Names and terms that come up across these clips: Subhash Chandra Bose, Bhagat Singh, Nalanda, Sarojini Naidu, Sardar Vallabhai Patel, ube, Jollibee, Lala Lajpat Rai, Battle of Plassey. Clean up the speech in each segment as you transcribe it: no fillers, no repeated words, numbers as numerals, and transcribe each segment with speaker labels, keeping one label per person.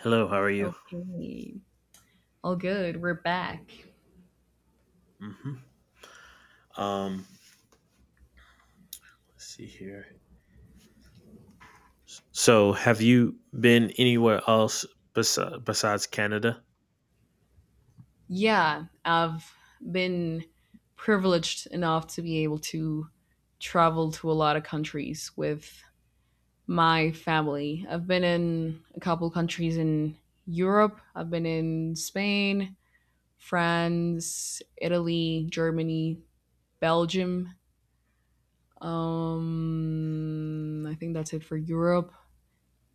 Speaker 1: Hello, how are you?
Speaker 2: Okay. All good. We're back.
Speaker 1: Mm-hmm. Um, let's see here. So, have you been anywhere else besides Canada?
Speaker 2: Yeah, I've been privileged enough to be able to travel to a lot of countries with my family. I've been in a couple countries in Europe. I've been in Spain, France, Italy, Germany, Belgium. I think that's it for Europe.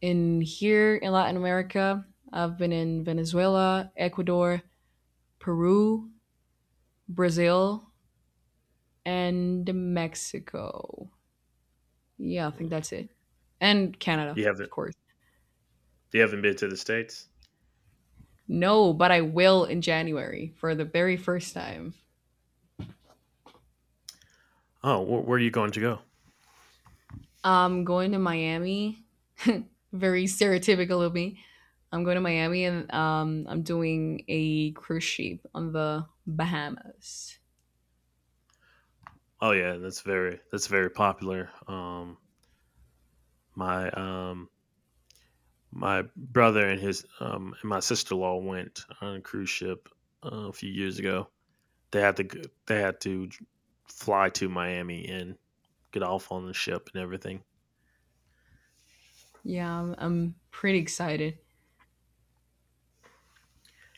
Speaker 2: In here in Latin America, I've been in Venezuela, Ecuador, Peru, Brazil, and Mexico. Yeah, I think
Speaker 1: Mm.
Speaker 2: that's it. And Canada,
Speaker 1: You
Speaker 2: of
Speaker 1: haven't.
Speaker 2: course.
Speaker 1: You haven't been to the states.
Speaker 2: No, but I will in January for the very first time.
Speaker 1: Oh, where are you going to go?
Speaker 2: I'm going to Miami. Very stereotypical of me. I'm going to Miami and I'm doing a cruise ship on the Bahamas.
Speaker 1: Oh, yeah, that's very popular. My my brother and his and my sister in law went on a cruise ship a few years ago. They had to they had to fly to Miami and get off on the ship and everything.
Speaker 2: Yeah, I'm pretty excited.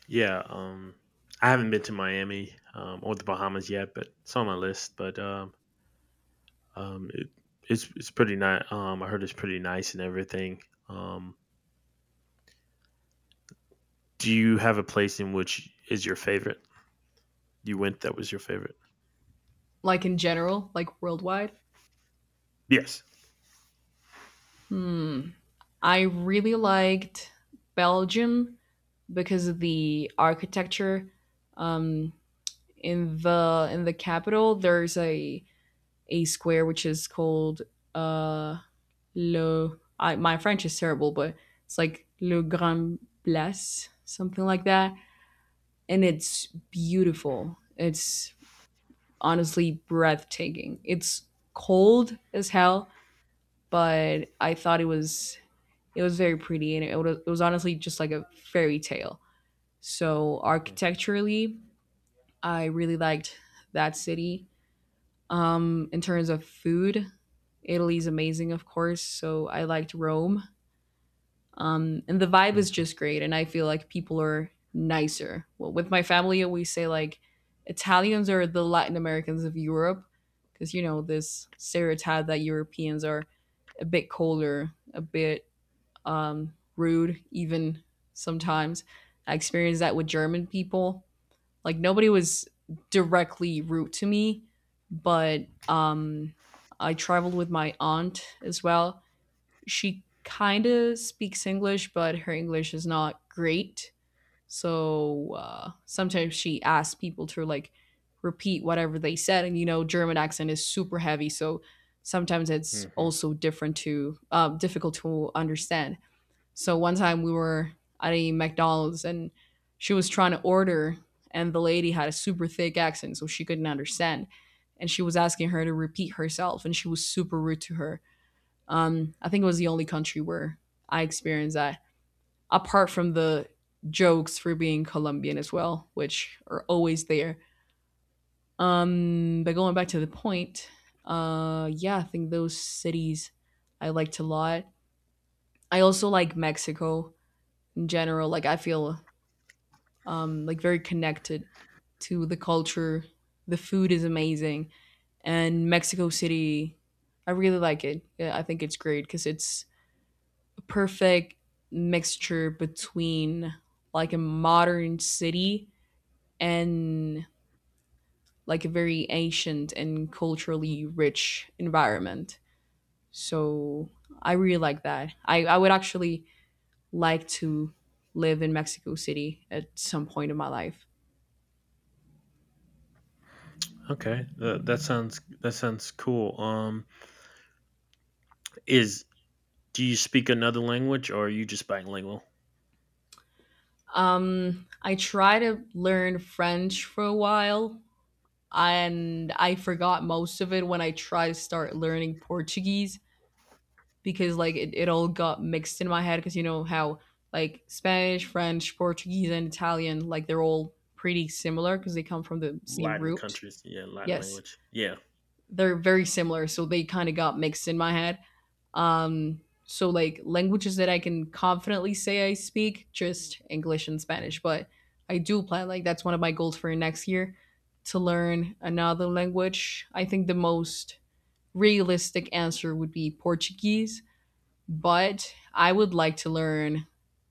Speaker 1: Yeah, I haven't been to Miami or the Bahamas yet, but it's on my list. But it, it's pretty nice. I heard it's pretty nice and everything. Um, do you have a place in which is your favorite? You went that was your favorite.
Speaker 2: Like in general, like worldwide.
Speaker 1: Yes.
Speaker 2: I really liked Belgium because of the architecture in the capital. There's a square which is called uh Le. I, my French is terrible, but it's like Le Grand Place, something like that, and it's beautiful. It's honestly breathtaking. It's cold as hell, but I thought it was very pretty, and it was honestly just like a fairy tale. So architecturally, I really liked that city. In terms of food, Italy's amazing, of course. So I liked Rome. And the vibe is just great. And I feel like people are nicer. Well, with my family, we say like Italians are the Latin Americans of Europe because, you know, this stereotype that Europeans are a bit colder, a bit rude, even sometimes. I experienced that with German people. Like nobody was directly rude to me, but I traveled with my aunt as well. She kind of speaks English, but her English is not great. So sometimes she asks people to like repeat whatever they said, and you know, German accent is super heavy, so sometimes it's
Speaker 1: Mm-hmm.
Speaker 2: also different to difficult to understand. So one time we were at a McDonald's, and she was trying to order, and the lady had a super thick accent, so she couldn't understand. And she was asking her to repeat herself, and she was super rude to her. I think it was the only country where I experienced that, apart from the jokes for being Colombian as well, which are always there. But going back to the point, yeah, I think those cities I liked a lot. I also like Mexico in general. Like I feel like very connected to the culture. The food is amazing, and Mexico City, I really like it. Yeah, I think it's great because it's a perfect mixture between like a modern city and like a very ancient and culturally rich environment. So I really like that. I would actually like to live in Mexico City at some point in my life.
Speaker 1: Okay, that sounds that sounds cool. Is do you speak another language or are you just bilingual?
Speaker 2: I tried to learn French for a while, and I forgot most of it when I tried to start learning Portuguese because like it all got mixed in my head because you know how like Spanish, French, Portuguese, and Italian like they're all pretty similar because they come from the same
Speaker 1: Latin
Speaker 2: root.
Speaker 1: countries, yeah, Latin
Speaker 2: Yes,
Speaker 1: language, yeah.
Speaker 2: they're very similar, so they kind of got mixed in my head. So like languages that I can confidently say I speak, just English and Spanish. But I do plan, like that's one of my goals for next year, to learn another language. I think the most realistic answer would be Portuguese, but I would like to learn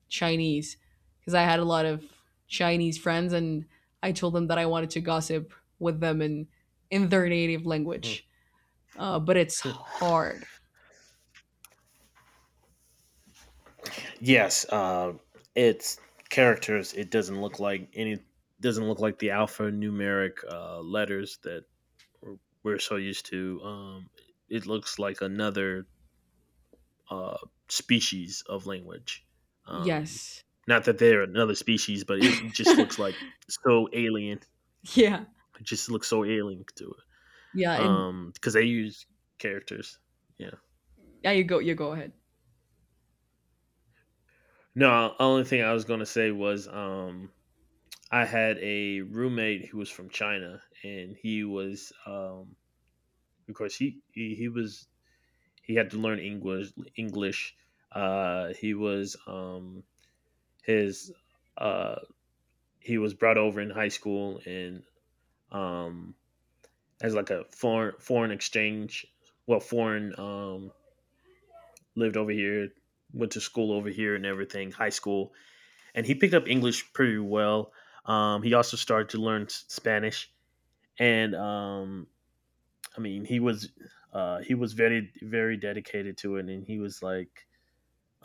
Speaker 2: Chinese because I had a lot of Chinese friends and I told them that I wanted to gossip with them in their native
Speaker 1: Hmm.
Speaker 2: language. But it's hard.
Speaker 1: Yes, it's characters. It doesn't look like any. Doesn't look like the alphanumeric letters that we're we're so used to. It looks like another uh, species of language. Um,
Speaker 2: Yes.
Speaker 1: not that they're another species, but it just looks like so alien.
Speaker 2: Yeah.
Speaker 1: It just looks so alien to it.
Speaker 2: Yeah, and
Speaker 1: Because they use characters. Yeah.
Speaker 2: yeah, you go ahead.
Speaker 1: No, only thing I was gonna say was I had a roommate who was from China, and he was, of course, he was he had to learn English. English. Uh, he was um, his uh, he was brought over in high school and um, as like a foreign exchange. Well, foreign Lived over here, went to school over here, and everything. High school, and he picked up English pretty well. He also started to learn Spanish, and I mean, he was very dedicated to it, and he was like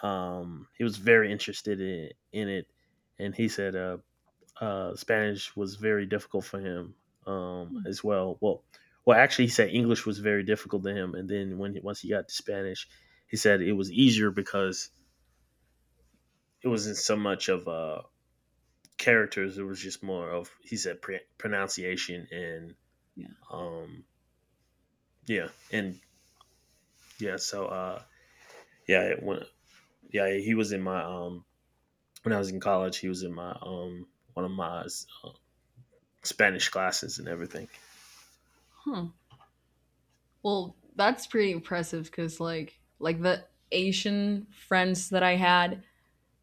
Speaker 1: he was very interested in it, and he said Spanish was very difficult for him as well. Well, actually, he said English was very difficult to him, and then once he got to Spanish, he said it was easier because it wasn't so much of characters; it was just more of he said pronunciation and
Speaker 2: Yeah.
Speaker 1: um, yeah, and yeah. So yeah, it went, yeah, yeah, he was in my when I was in college. He was in my one of my Spanish classes and everything.
Speaker 2: Huh. Well, that's pretty impressive because like the Asian friends that I had,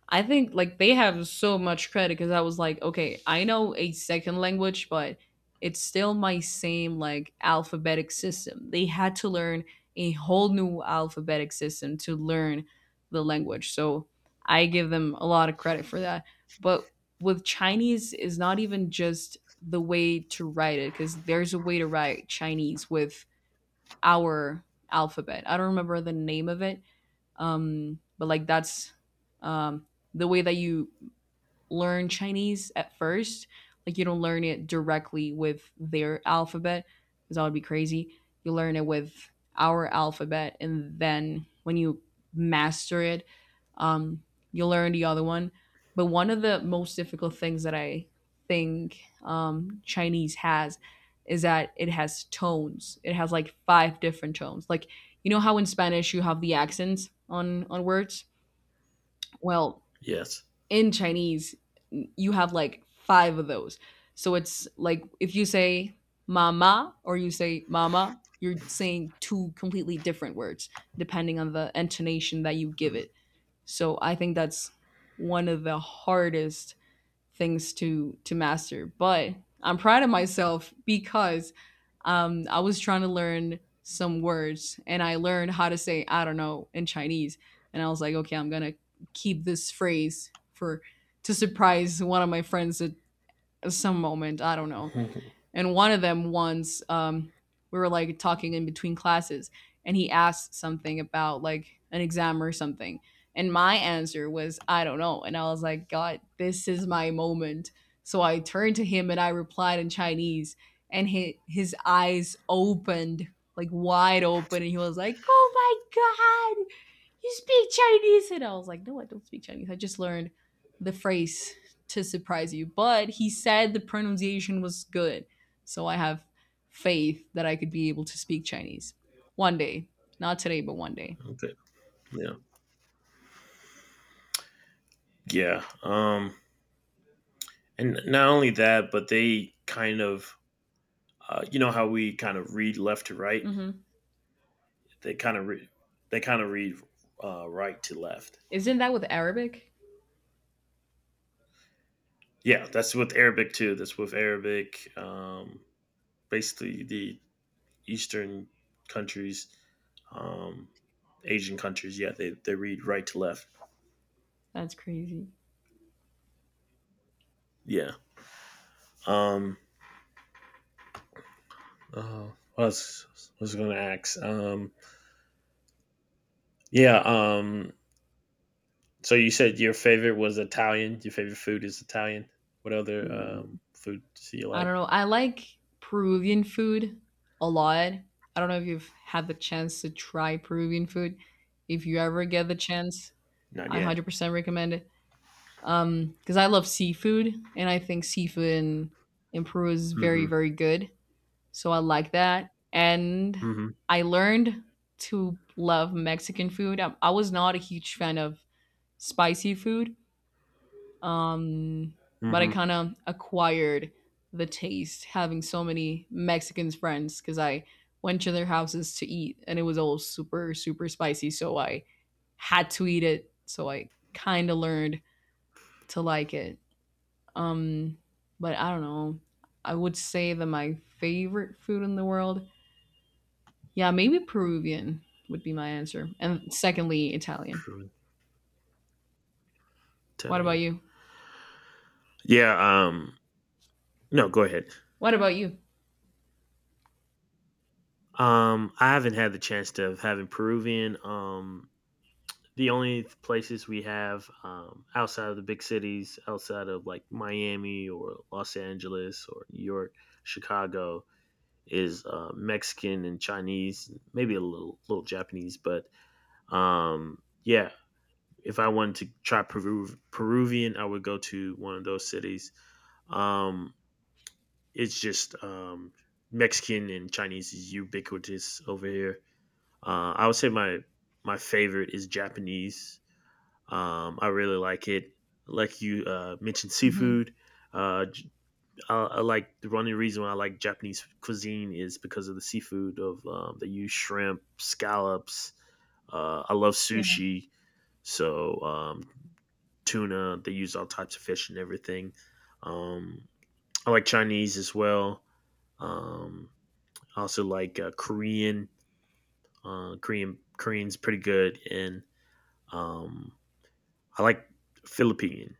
Speaker 2: I think like they have so much credit because I was like, okay, I know a second language, but it's still my same like alphabetic system. They had to learn a whole new alphabetic system to learn the language. So I give them a lot of credit for that. But with Chinese is not even just the way to write it because there's a way to write Chinese with our alphabet. I don't remember the name of it, but like that's um, the way that you learn Chinese at first. Like you don't learn it directly with their alphabet because that would be crazy. You learn it with our alphabet, and then when you master it, um, you learn the other one. But one of the most difficult things that I think Chinese has is that it has tones. It has like five different tones. Like you know how in Spanish you have the accents on words. Well,
Speaker 1: Yes.
Speaker 2: in Chinese, you have like five of those. So it's like if you say mama or you say mama, you're saying two completely different words depending on the intonation that you give it. So I think that's one of the hardest things to master. But I'm proud of myself because I was trying to learn some words and I learned how to say I don't know in Chinese. And I was like, okay, I'm gonna keep this phrase for to surprise one of my friends at some moment. I don't know.
Speaker 1: Okay.
Speaker 2: And one of them once, we were like talking in between classes, and he asked something about like an exam or something, and my answer was, "I don't know," and I was like, "God, this is my moment." So I turned to him and I replied in Chinese, and he, his eyes opened, like wide open, and he was like, "Oh my god, you speak Chinese." And I was like, no, I don't speak Chinese. I just learned the phrase to surprise you. But he said the pronunciation was good. So I have faith that I could be able to speak Chinese one day. Not today, but one day.
Speaker 1: Yeah. Yeah. And not only that, but they kind of you know how we kind of read left to right.
Speaker 2: Mm-hmm.
Speaker 1: They kind of read they kind of read right to left.
Speaker 2: Isn't that with Arabic?
Speaker 1: Yeah, that's with Arabic too. That's with Arabic. Basically, the Eastern countries, um, Asian countries. Yeah, they read right to left.
Speaker 2: That's crazy.
Speaker 1: Yeah. Um. Oh, I was gonna ask. Yeah. So you said your favorite was Italian. Your favorite food is Italian. What other food do you
Speaker 2: I
Speaker 1: like?
Speaker 2: don't know. I like Peruvian food a lot. I don't know if you've had the chance to try Peruvian food. If you ever get the chance,
Speaker 1: Not
Speaker 2: I
Speaker 1: yet.
Speaker 2: 100% recommend it. Because I love seafood and I think seafood in Peru is very,
Speaker 1: Mm-hmm.
Speaker 2: very good. So I like that. And
Speaker 1: Mm-hmm.
Speaker 2: I learned to love Mexican food. I was not a huge fan of spicy food, um, but I
Speaker 1: Mm-hmm.
Speaker 2: kind of acquired the taste having so many Mexican friends because I went to their houses to eat and it was all super, super spicy. So I had to eat it. So I kind of learned to like it. Um, but I don't know. I would say that my favorite food in the world, yeah, maybe Peruvian would be my answer, and secondly, Italian.
Speaker 1: True
Speaker 2: What about
Speaker 1: Italian.
Speaker 2: you?
Speaker 1: Yeah. No. Go ahead.
Speaker 2: What about you?
Speaker 1: I haven't had the chance to have having Peruvian. Um, the only places we have outside of the big cities, outside of like Miami or Los Angeles or New York, Chicago, is Mexican and Chinese, maybe a little Japanese, but um, yeah. If I wanted to try Peruvian, I would go to one of those cities. Um, it's just Mexican and Chinese is ubiquitous over here. I would say my favorite is Japanese I really like it. Like you mentioned,
Speaker 2: Mhm.
Speaker 1: seafood. Uh, j- I like the only reason why I like Japanese cuisine is because of the seafood. Of they use shrimp, scallops. I love
Speaker 2: Yeah.
Speaker 1: sushi, so tuna. They use all types of fish and everything. Um, I like Chinese as well. Um, I also like Korean. Uh, Korean's pretty good, and um, I like Philippine.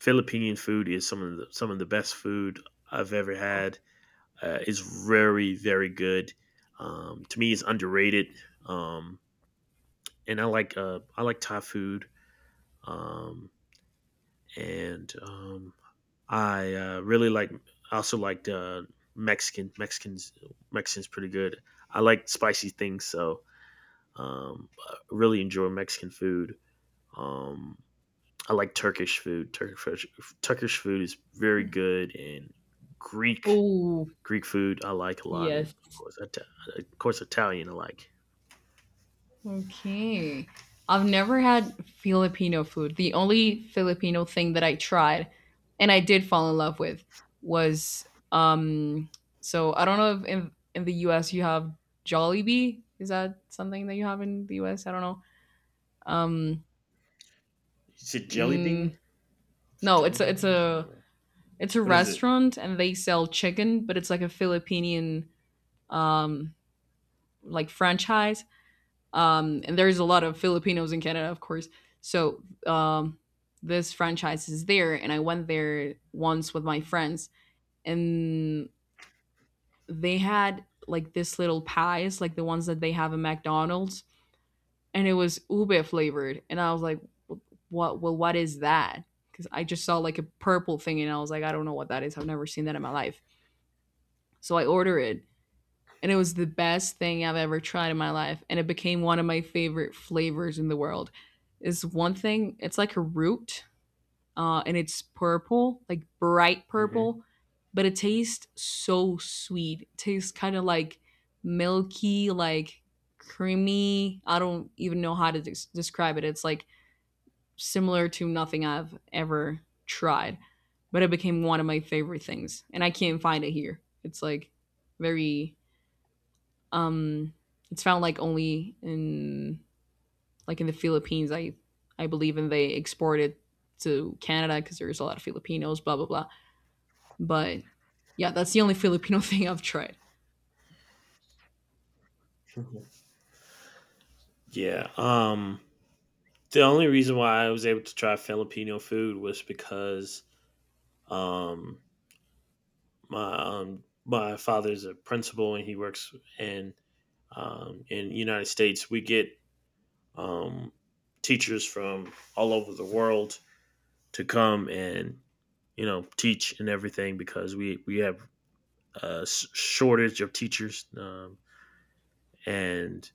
Speaker 1: Philippine food is some of the best food I've ever had. It's very good. To me, it's underrated. Um, and I like Thai food. Um, and I really like I also like Mexican Mexicans Mexicans pretty good. I like spicy things, so I really enjoy Mexican food. Um, I like Turkish food. Turkish food is very good and Greek
Speaker 2: Oh,
Speaker 1: Greek food I like a lot, and
Speaker 2: yes.
Speaker 1: of course, Italian I like.
Speaker 2: Okay. I've never had Filipino food. The only Filipino thing that I tried and I did fall in love with was um so I don't know if in the US you have Jollibee. Is that something that you have in the US? I don't know. Um
Speaker 1: You said jelly bean?
Speaker 2: mm,
Speaker 1: It's
Speaker 2: no,
Speaker 1: jelly
Speaker 2: it's a, it's
Speaker 1: bean? I don't
Speaker 2: a
Speaker 1: know.
Speaker 2: it's a
Speaker 1: What is it?
Speaker 2: restaurant and they sell chicken, but it's like a Filipinian um like franchise, and there's a lot of Filipinos in Canada, of course. So this franchise is there, and I went there once with my friends, and they had like this little pies, like the ones that they have in McDonald's, and it was ube flavored, and I was like, "What? Well, what is that?" Because I just saw like a purple thing, and I was like, "I don't know what that is. I've never seen that in my life." So I order it, and it was the best thing I've ever tried in my life. And it became one of my favorite flavors in the world. It's one thing, it's like a root, and it's purple, like bright
Speaker 1: Mm-hmm.
Speaker 2: purple, but it tastes so sweet. It tastes kind of like milky, like creamy. I don't even know how to describe it. It's like similar to nothing I've ever tried, but it became one of my favorite things. And I can't find it here. It's like very um, it's found like only in, like, in the Philippines. I believe, and they export it to Canada because there's a lot of Filipinos. Blah blah blah. But yeah, that's the only Filipino thing I've tried.
Speaker 1: Yeah. The only reason why I was able to try Filipino food was because um my my father's a principal and he works in the United States. We get um teachers from all over the world to come and you know teach and everything because we have uh, shortage of teachers, and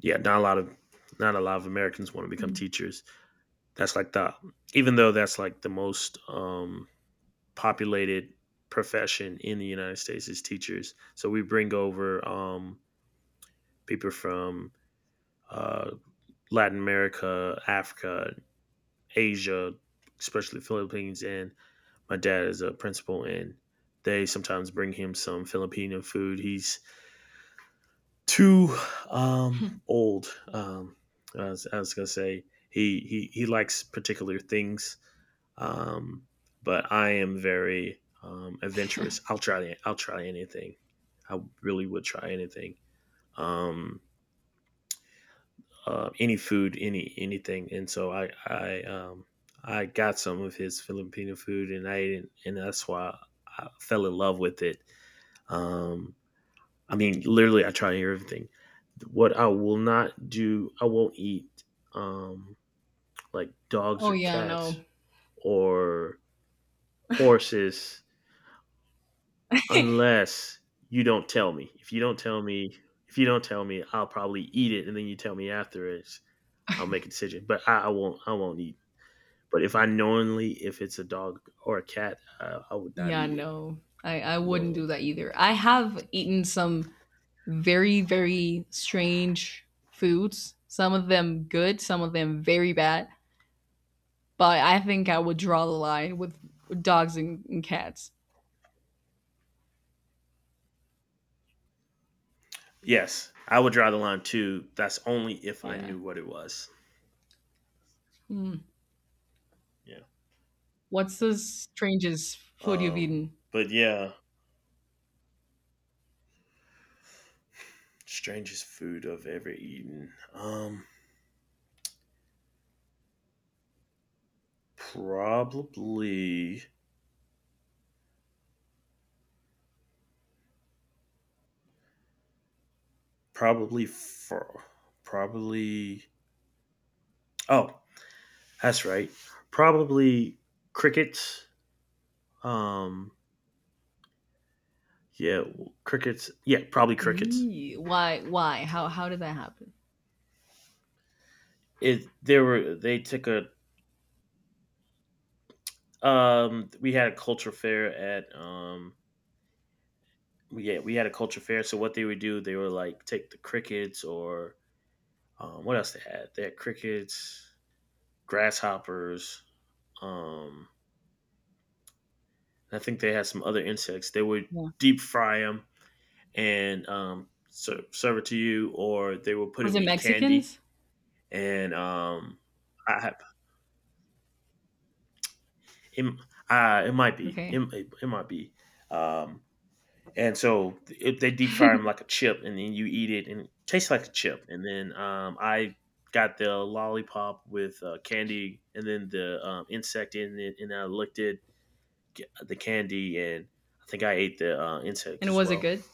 Speaker 1: yeah, not a lot of Americans want to become
Speaker 2: Mm.
Speaker 1: teachers. That's like the even though that's like the most populated profession in the United States is teachers. So we bring over people from uh, Latin America, Africa, Asia, especially Philippines. And my dad is a principal, and they sometimes bring him some Filipino food. He's too old. Um, I was gonna say he likes particular things, um, but I am very adventurous. I'll try anything. I really would try anything. Um, any food, anything. And so I got some of his Filipino food and I ate it, and that's why I fell in love with it. Um, I mean, literally, I try to hear everything. What I will not do, I won't eat um, like dogs
Speaker 2: Oh
Speaker 1: or
Speaker 2: yeah,
Speaker 1: cats
Speaker 2: no,
Speaker 1: or horses unless you don't tell me. If you don't tell me, I'll probably eat it, and then you tell me after it, I'll make a decision. But I won't. I won't eat. But if I knowingly, if it's a dog or a cat, I would not
Speaker 2: yeah,
Speaker 1: eat it
Speaker 2: no. I wouldn't do
Speaker 1: knowingly.
Speaker 2: that either. I have eaten some very very strange foods. Some of them good, some of them very bad. But I think I would draw the line with dogs and cats.
Speaker 1: Yes, I would draw the line too. That's only if I
Speaker 2: Yeah.
Speaker 1: knew what it was.
Speaker 2: Mm.
Speaker 1: Yeah.
Speaker 2: What's the strangest food you've
Speaker 1: Um,
Speaker 2: eaten?
Speaker 1: but yeah, strangest food I've ever eaten. Um, probably, probably for, probably. Oh, that's right. Probably crickets. Um, yeah, crickets. Yeah, probably crickets.
Speaker 2: Eee, why? Why? How? How did that happen?
Speaker 1: It there were they took a we had a culture fair at we yeah we had a culture fair so what they would do they would like take the crickets or what else they had crickets grasshoppers. Um, I think they had some other insects. They would
Speaker 2: Yeah.
Speaker 1: deep fry them and serve it to you, or they would put
Speaker 2: Was
Speaker 1: them
Speaker 2: it
Speaker 1: in candy.
Speaker 2: Mexicans?
Speaker 1: And I have it, uh, it might be it,
Speaker 2: Okay.
Speaker 1: it, it might be. Um, and so if they deep fry them like a chip, and then you eat it, and it tastes like a chip. And then I got the lollipop with candy, and then the insect in it, and I licked it the candy, and I think I ate the insect
Speaker 2: And
Speaker 1: as
Speaker 2: was it
Speaker 1: well.
Speaker 2: good?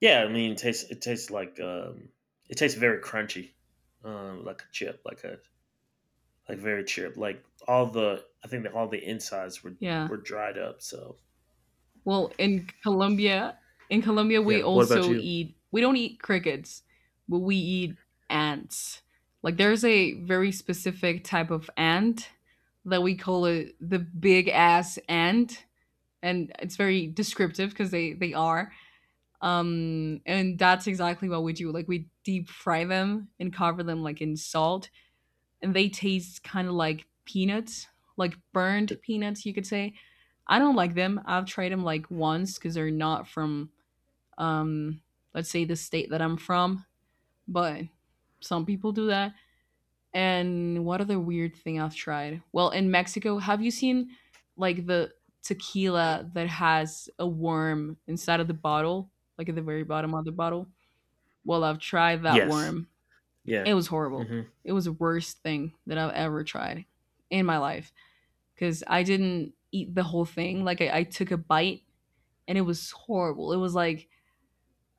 Speaker 1: Yeah, I mean, it tastes like it tastes very crunchy, like a chip, like a like very chip. Like all the I think that all the insides were
Speaker 2: Yeah.
Speaker 1: dried up. So
Speaker 2: Well, in Colombia,
Speaker 1: yeah.
Speaker 2: we
Speaker 1: What about
Speaker 2: also
Speaker 1: you?
Speaker 2: eat. We don't eat crickets, but we eat ants. Like there's a very specific type of ant that we call it the big ass ant, and it's very descriptive because they are… and that's exactly what we do. Like we deep fry them and cover them like in salt, and they taste kind of like peanuts, like burned peanuts, you could say. I don't like them. I've tried them like once because they're not from, um, let's say, the state that I'm from, but some people do that. And what other weird thing I've tried? Well, in Mexico, have you seen like the tequila that has a worm inside of the bottle, like at the very bottom of the bottle? Well, I've tried that
Speaker 1: Yes.
Speaker 2: worm.
Speaker 1: Yeah.
Speaker 2: It was horrible.
Speaker 1: Hmm.
Speaker 2: It was the worst thing that I've ever tried in my life, because I didn't eat the whole thing. Like, I took a bite and it was horrible. It was like,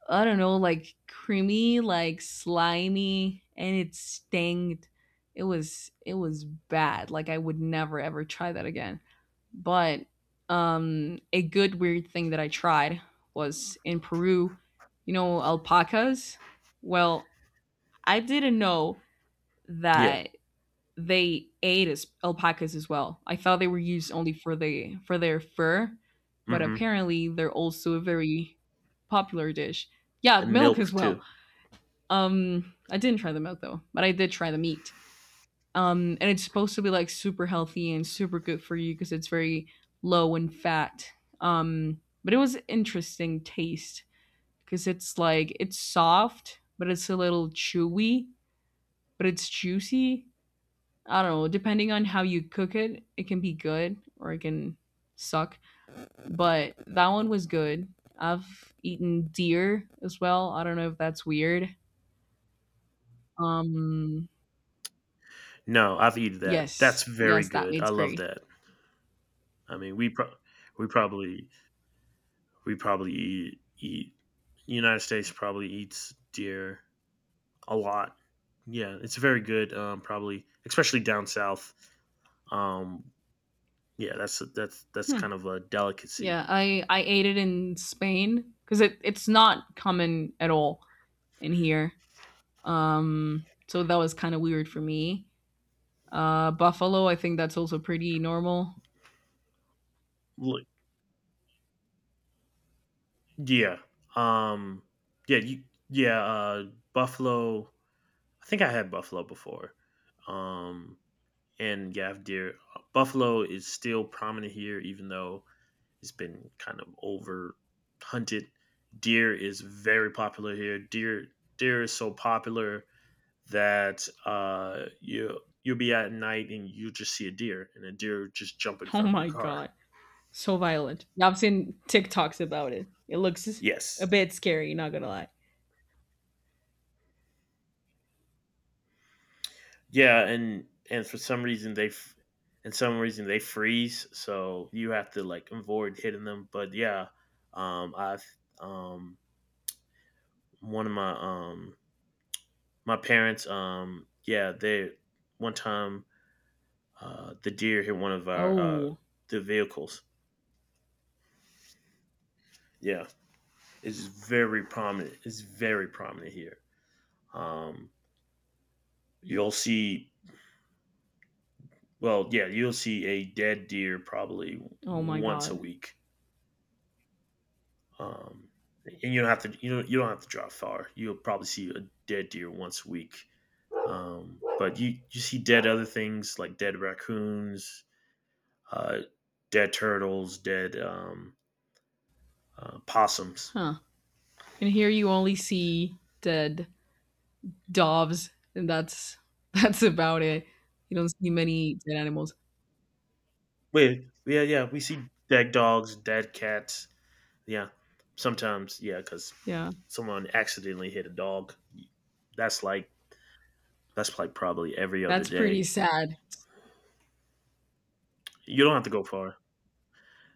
Speaker 2: I don't know, like creamy, like slimy, and it stinged. It was bad. Like I would never ever try that again. But a good weird thing that I tried was in Peru, you know, alpacas. Well, I didn't know
Speaker 1: Yeah.
Speaker 2: that they ate as alpacas as well. I thought they were used only for their fur, but
Speaker 1: Hmm.
Speaker 2: apparently they're also a very popular dish. Yeah,
Speaker 1: And
Speaker 2: milk
Speaker 1: milk
Speaker 2: as well.
Speaker 1: too.
Speaker 2: I didn't try the milk though, but I did try the meat. And it's supposed to be like super healthy and super good for you because it's very low in fat. But it was interesting taste, because it's like it's soft, but it's a little chewy, but it's juicy. I don't know, depending on how you cook it, it can be good or it can suck. But that one was good. I've eaten deer as well. I don't know if that's weird. Um,
Speaker 1: No, I've eaten that. That's
Speaker 2: yes,
Speaker 1: very
Speaker 2: yes, that
Speaker 1: good. I
Speaker 2: meat's
Speaker 1: love
Speaker 2: great.
Speaker 1: that. I mean, we probably we probably eat United States probably eats deer a lot. Yeah, it's very good. Probably, especially down south. Um, yeah, that's
Speaker 2: Hmm.
Speaker 1: kind of a delicacy.
Speaker 2: Yeah, I ate it in Spain because it's not common at all in here. So that was kind of weird for me. Buffalo, I think that's also pretty normal.
Speaker 1: Look, yeah, um, yeah, you, yeah. Buffalo. I think I had buffalo before. Um, and yeah, I've deer. Buffalo is still prominent here, even though it's been kind of over hunted. Deer is very popular here. Deer is so popular that you you'll be at night and you just see a deer and a deer just jumping
Speaker 2: Oh
Speaker 1: from your
Speaker 2: my
Speaker 1: car.
Speaker 2: god. So violent. I've seen TikToks about it. It looks a
Speaker 1: Yes.
Speaker 2: bit scary, not gonna lie.
Speaker 1: Yeah, and for some reason they f- and some reason they freeze, so you have to like avoid hitting them. But yeah, I've um, one of my my parents, yeah, they one time the deer hit one of our
Speaker 2: Oh,
Speaker 1: the vehicles. Yeah, it's very prominent. It's very prominent here. Um, You'll see, well, yeah, you'll see a dead deer probably
Speaker 2: oh my
Speaker 1: once a
Speaker 2: god.
Speaker 1: week. Um, and you don't have to you know, you don't have to drive far. You'll probably see a dead deer once a week. But you you see dead other things like dead raccoons, uh, dead turtles, dead possums.
Speaker 2: Huh. And here you only see dead doves, and that's that's about it. You don't see many dead animals.
Speaker 1: Wait, yeah, yeah, we see dead dogs, dead cats. Yeah, sometimes, yeah, because
Speaker 2: Yeah.
Speaker 1: someone accidentally hit a dog. That's like That's like probably every other
Speaker 2: That's pretty
Speaker 1: day.
Speaker 2: sad.
Speaker 1: You don't have to go far.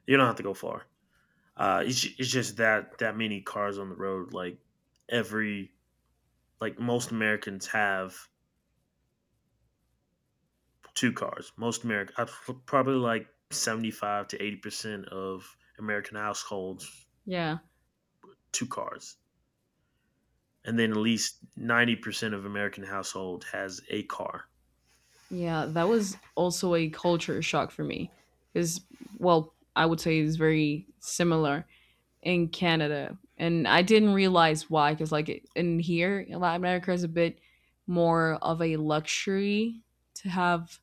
Speaker 1: You don't have to go far. It's just that many cars on the road. Like every like most Americans have two cars. Most American probably like seventy five to eighty percent of American households
Speaker 2: Yeah.
Speaker 1: two cars, and then at least 90% of American household has a car.
Speaker 2: Yeah, that was also a culture shock for me. Cuz, well, I would say it's very similar in Canada, and I didn't realize why, because like in here, Latin America, is a bit more of a luxury to have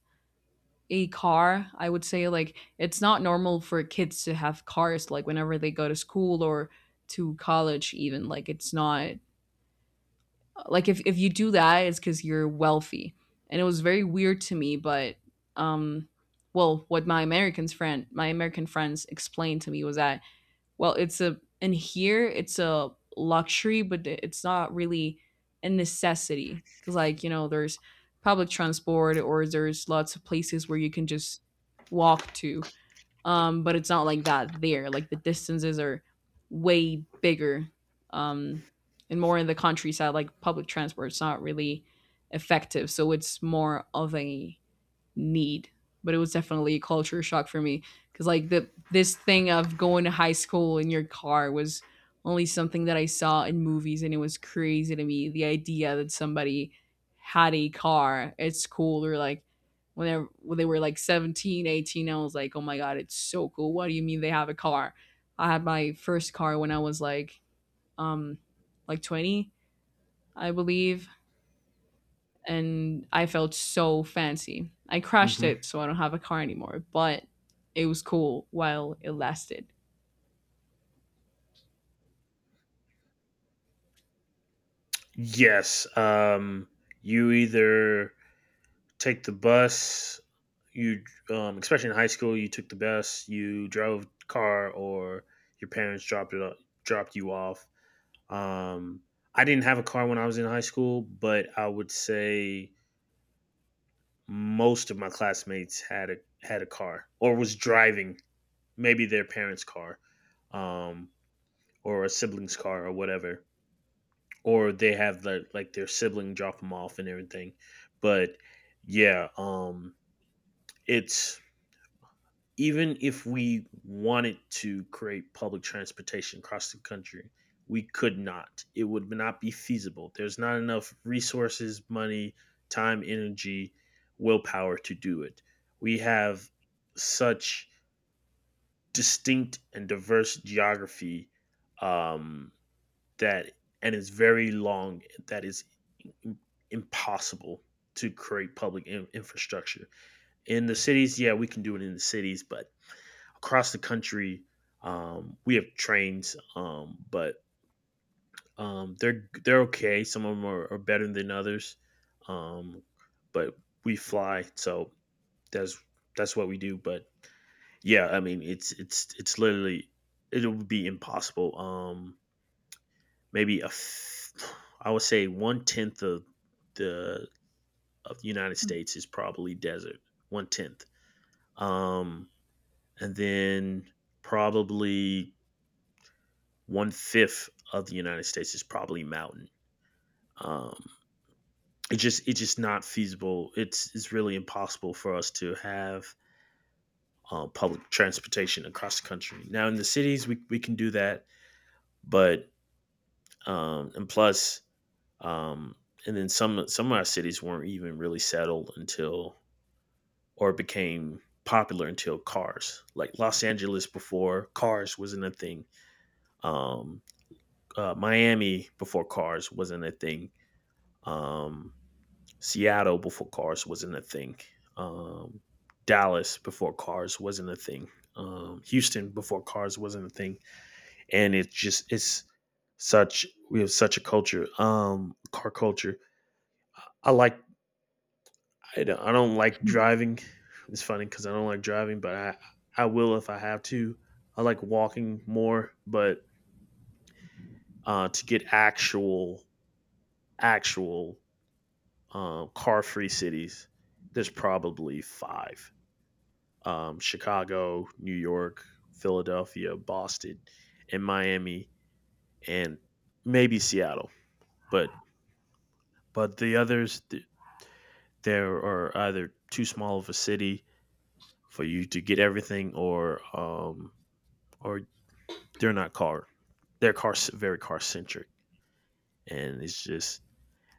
Speaker 2: a car. I would say like it's not normal for kids to have cars like whenever they go to school or to college even. Like it's not like, if you do that it's because you're wealthy, and it was very weird to me. But um well, what my american friends explained to me was that, well, it's a— in here it's a luxury, but it's not really a necessity, because like, you know, there's public transport or there's lots of places where you can just walk to. But it's not like that there. Like the distances are way bigger, um and more in the countryside like public transport it's not really effective, so it's more of a need. But it was definitely a culture shock for me, because like the this thing of going to high school in your car was only something that I saw in movies, and it was crazy to me the idea that somebody had a car at school, or like when they were like 17, 18, I was like, oh my god, it's so cool, what do you mean they have a car? I had my first car when I was like, um like 20, I believe, and I felt so fancy. I crashed
Speaker 1: hmm
Speaker 2: it, so I don't have a car anymore, but it was cool while it lasted.
Speaker 1: Yes. You either take the bus. You, Especially in high school, you took the bus. You drove car, or your parents dropped you off. Um, I didn't have a car when I was in high school, but I would say most of my classmates had a car or was driving maybe their parents' car, um, or a sibling's car or whatever, or they have like their sibling drop them off and everything. But yeah, it's even if we wanted to create public transportation across the country, we could not. It would not be feasible. There's not enough resources, money, time, energy, willpower to do it. We have such distinct and diverse geography, um, that, and it's very long, that is impossible to create infrastructure. In the cities, yeah, we can do it in the cities, but across the country we have trains, but they're okay, some of them are better than others, um, but we fly, so that's that's what we do. But yeah i mean it's it's it's literally it would be impossible. Maybe a f- I would say 1/10 the of the United States is probably desert, 1/10, um and then probably 1/5 of the United States is probably mountain. Um, it's just not feasible. It's really impossible for us to have public transportation across the country. Now in the cities we can do that, but um, and plus um, and then some of our cities weren't even really settled until or became popular until cars. Like Los Angeles before cars wasn't a thing. Um, Miami before cars wasn't a thing. Um, Seattle before cars wasn't a thing. Um, Dallas before cars wasn't a thing. Houston before cars wasn't a thing. And it's just it's such we have such a culture, car culture. I like I don't like driving. It's funny because I don't like driving, but I will if I have to. I like walking more, but to get actual, car free cities, there's probably five, Chicago, New York, Philadelphia, Boston, and Miami, and maybe Seattle. But but the others, there are either too small of a city for you to get everything, or they're not car, they're car very car centric, and it's just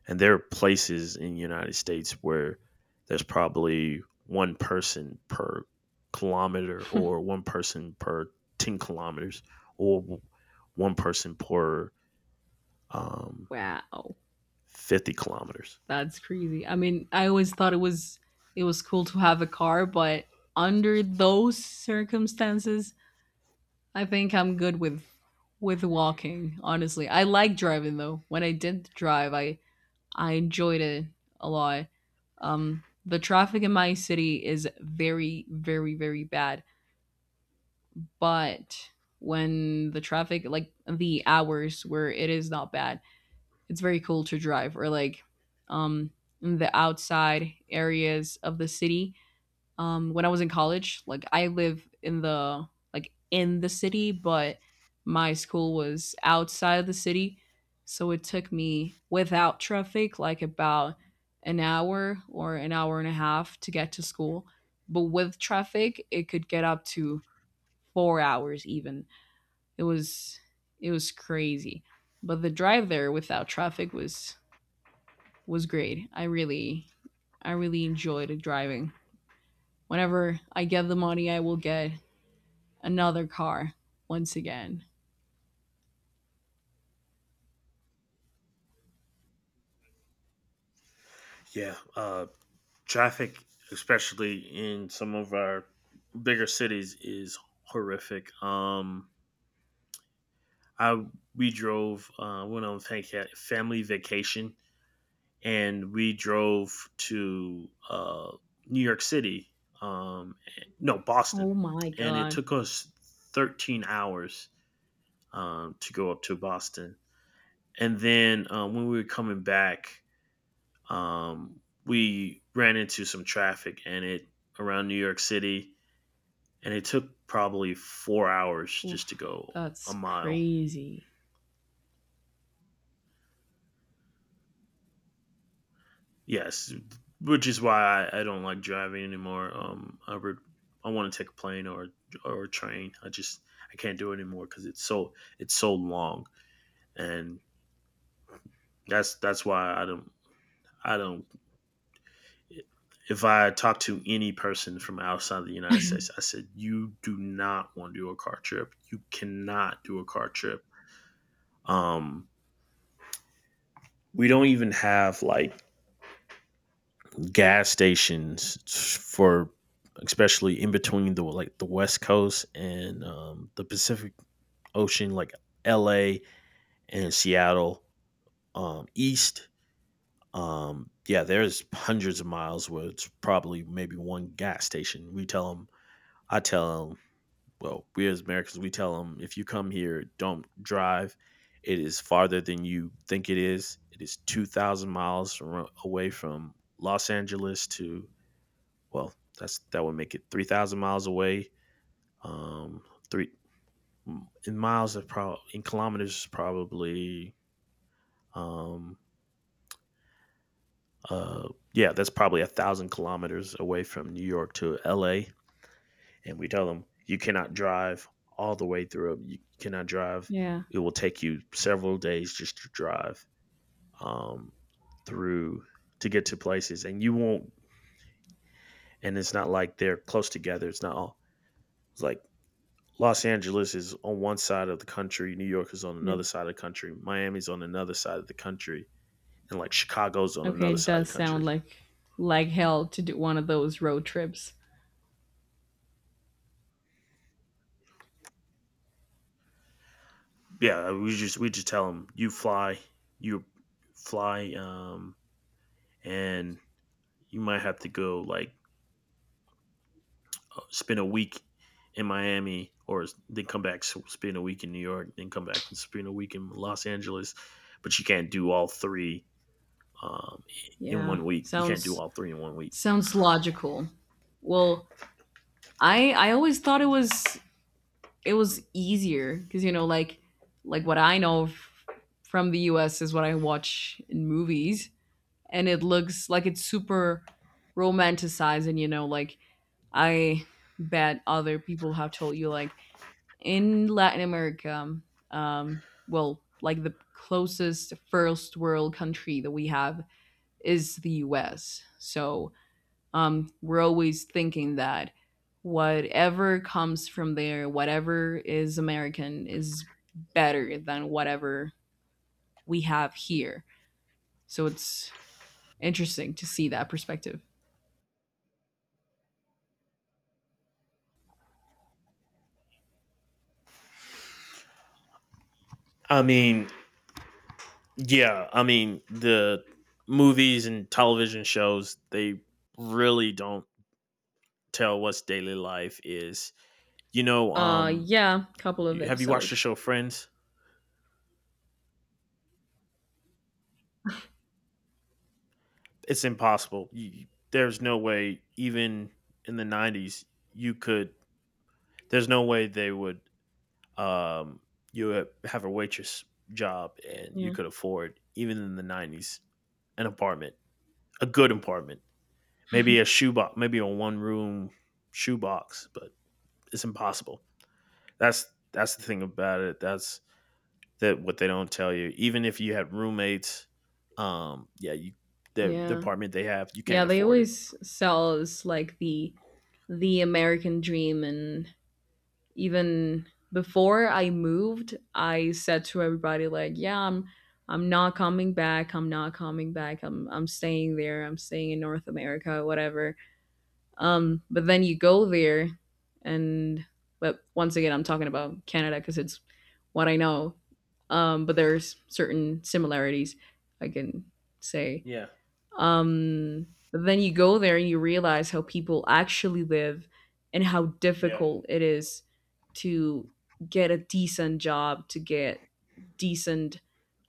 Speaker 1: And there are places in the United States where there's probably one person per kilometer or one person per 10 kilometers or one person per um,
Speaker 2: Wow,
Speaker 1: 50 kilometers.
Speaker 2: that's crazy. I mean, I always thought it was cool to have a car, but under those circumstances, I think I'm good with walking, honestly. I like driving though. When I did drive, I enjoyed it a lot. The traffic in my city is very very very bad, but when the traffic— like the hours where it is not bad, it's very cool to drive, or like, um in the outside areas of the city. When I was in college, like I live in the— in the city, but my school was outside of the city, so it took me without traffic like about an hour or an hour and a half to get to school, but with traffic it could get up to 4 hours even. it was it was crazy. But the drive there without traffic was great. I really enjoyed driving. Whenever I get the money, I will get another car once again.
Speaker 1: Yeah, traffic, especially in some of our bigger cities, is horrific. I We drove, family vacation, and we drove to New York City, um, no, Boston.
Speaker 2: Oh my
Speaker 1: And it
Speaker 2: god.
Speaker 1: took us 13 hours, to go up to Boston. And then when we were coming back, we ran into some traffic and it around New York City. And it took probably 4 hours just to
Speaker 2: Oof,
Speaker 1: go a
Speaker 2: that's
Speaker 1: mile.
Speaker 2: crazy.
Speaker 1: Yes, which is why I don't like driving anymore. I want to take a plane or a train. I can't do it anymore because it's so long, and that's why I don't. If I talk to any person from outside the United States, I said you do not want to do a car trip. You cannot do a car trip. Um, we don't even have like gas stations for, especially in between the like the west coast and, the pacific ocean, like la and seattle, east yeah there's hundreds of miles where it's probably maybe one gas station. We tell them i tell them, well, we as americans we tell them if you come here don't drive. It is farther than you think it is. It is away from los angeles to, well, that's that would make it 3,000 miles away. Um, three in miles of, probably in kilometers probably, um uh yeah that's probably 1,000 kilometers away from new york to la. And we tell them you cannot drive all the way through. You cannot drive
Speaker 2: Yeah.
Speaker 1: It will take you several days just to drive um through to get to places, and you won't, and it's not like they're close together, it's not all it's like Los Angeles is on one side of the country, New York is on
Speaker 2: Yeah.
Speaker 1: another side of the country, Miami's on another side of the country, and like Chicago's on
Speaker 2: Okay,
Speaker 1: another
Speaker 2: it
Speaker 1: side of the
Speaker 2: does sound
Speaker 1: country.
Speaker 2: like hell to do one of those road trips.
Speaker 1: Yeah, we just tell them you fly, and you might have to go like, spend a week in Miami, or then come back spend a week in New York, then come back and spend a week in Los Angeles, but you can't do all three, um, in
Speaker 2: Yeah.
Speaker 1: 1 week. You can't do
Speaker 2: Sounds
Speaker 1: all three in 1 week.
Speaker 2: sounds logical. Well, I always thought it was easier, because you know like what I know from the us is what I watch in movies, and it looks like it's super romanticized. And you know like, I bet other people have told you like, in latin america, well, like the closest first world country that we have is the us, so, we're always thinking that whatever comes from there, whatever is American, is better than whatever we have here. So it's interesting to see that perspective.
Speaker 1: I mean, the movies and television shows, they really don't tell what's daily life is. You know,
Speaker 2: Yeah, couple of
Speaker 1: have you watched the
Speaker 2: episodes.
Speaker 1: show Friends? It's impossible. There's no way, even in the '90s, you could. There's no way they would. Um, you would have a waitress job and you
Speaker 2: Yeah.
Speaker 1: could afford, even in the '90s, an apartment, a good apartment, maybe a shoebox, maybe a one-room shoebox, but it's impossible. That's that's the thing about it. That what they don't tell you. Even if you had roommates, yeah, you the
Speaker 2: Yeah.
Speaker 1: apartment they have, you
Speaker 2: Yeah,
Speaker 1: can't
Speaker 2: they
Speaker 1: afford it.
Speaker 2: always sell us like the American dream. And even before I moved, I said to everybody like, yeah, I'm not coming back. I'm not coming back. I'm staying there. I'm staying in North America, whatever. But then you go there, and— but once again, I'm talking about Canada because it's what I know. But there's certain similarities I can say.
Speaker 1: Yeah.
Speaker 2: Um, but then you go there and you realize how people actually live and how
Speaker 1: Yeah.
Speaker 2: difficult it is to get a decent job, to get decent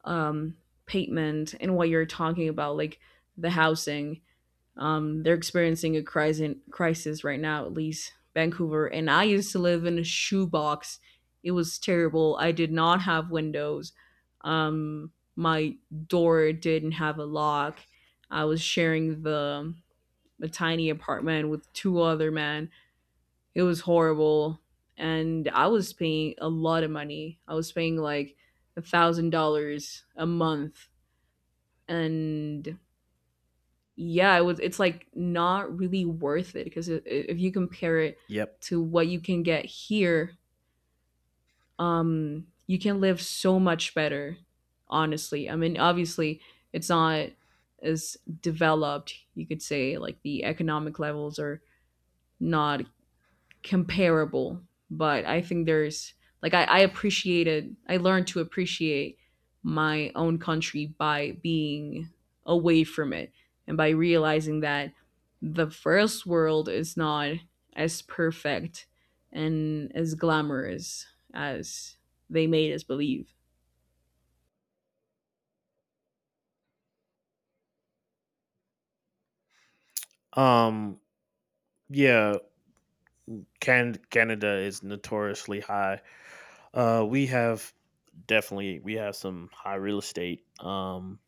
Speaker 2: um, payment, and what you're talking about, like the housing. They're experiencing a crisis, crisis right now, at least Vancouver. And I used to live in a shoebox. It was terrible. I did not have windows. My door didn't have a lock. I was sharing the a tiny apartment with two other men. It was horrible, and I was paying a lot of money. I was paying like $1,000 a month, and yeah, it was— it's like not really worth it, because if you compare it
Speaker 1: Yep.
Speaker 2: to what you can get here, you can live so much better. Honestly, I mean, obviously, it's not as developed. You could say like the economic levels are not comparable, but I think there's like— I appreciated— I learned to appreciate my own country by being away from it, and by realizing that the first world is not as perfect and as glamorous as they made us believe.
Speaker 1: Um. Yeah. Canada is notoriously high. We have definitely we have some high real estate. Um,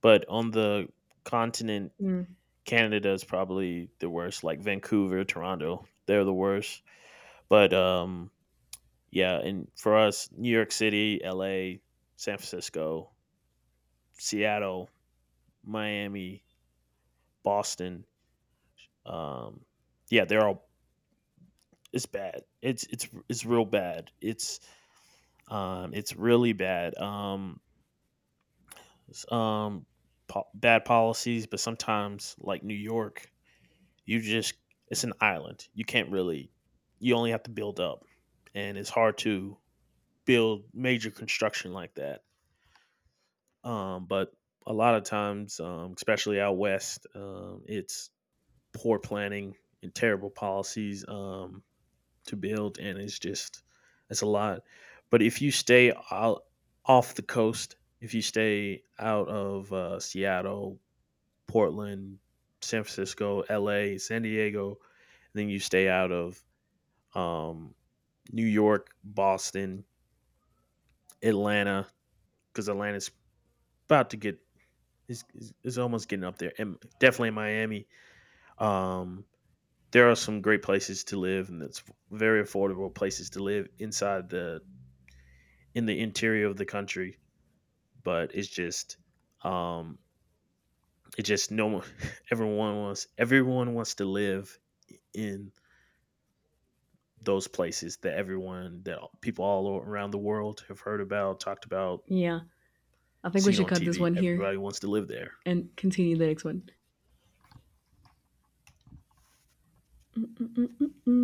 Speaker 1: but on the continent,
Speaker 2: Mm,
Speaker 1: Canada is probably the worst. Like Vancouver, Toronto, they're the worst. But um, Yeah, and for us, New York City, L.A., San Francisco, Seattle, Miami, Boston. Um, yeah, they're all it's bad. It's it's real bad. It's really bad. S- um Bad policies, but sometimes like New York, you just it's an island. You can't really You only have to build up, and it's hard to build major construction like that. But a lot of times, especially out west, it's poor planning and terrible policies, to build, and it's a lot. But if you stay out off the coast, if you stay out of, Seattle, Portland, San Francisco, L.A., San Diego, then you stay out of, um, New York, Boston, Atlanta, because Atlanta's about to get is almost getting up there, and definitely Miami. Um, there are some great places to live, and it's very affordable places to live inside the in the interior of the country. But it's just, um, it just no one, everyone wants to live in those places that people all around the world have heard about, talked about,
Speaker 2: yeah. I think we
Speaker 1: seen
Speaker 2: should
Speaker 1: on
Speaker 2: cut this
Speaker 1: TV.
Speaker 2: one here
Speaker 1: Everybody wants to live there.
Speaker 2: and continue the next one. Mm-mm-mm-mm.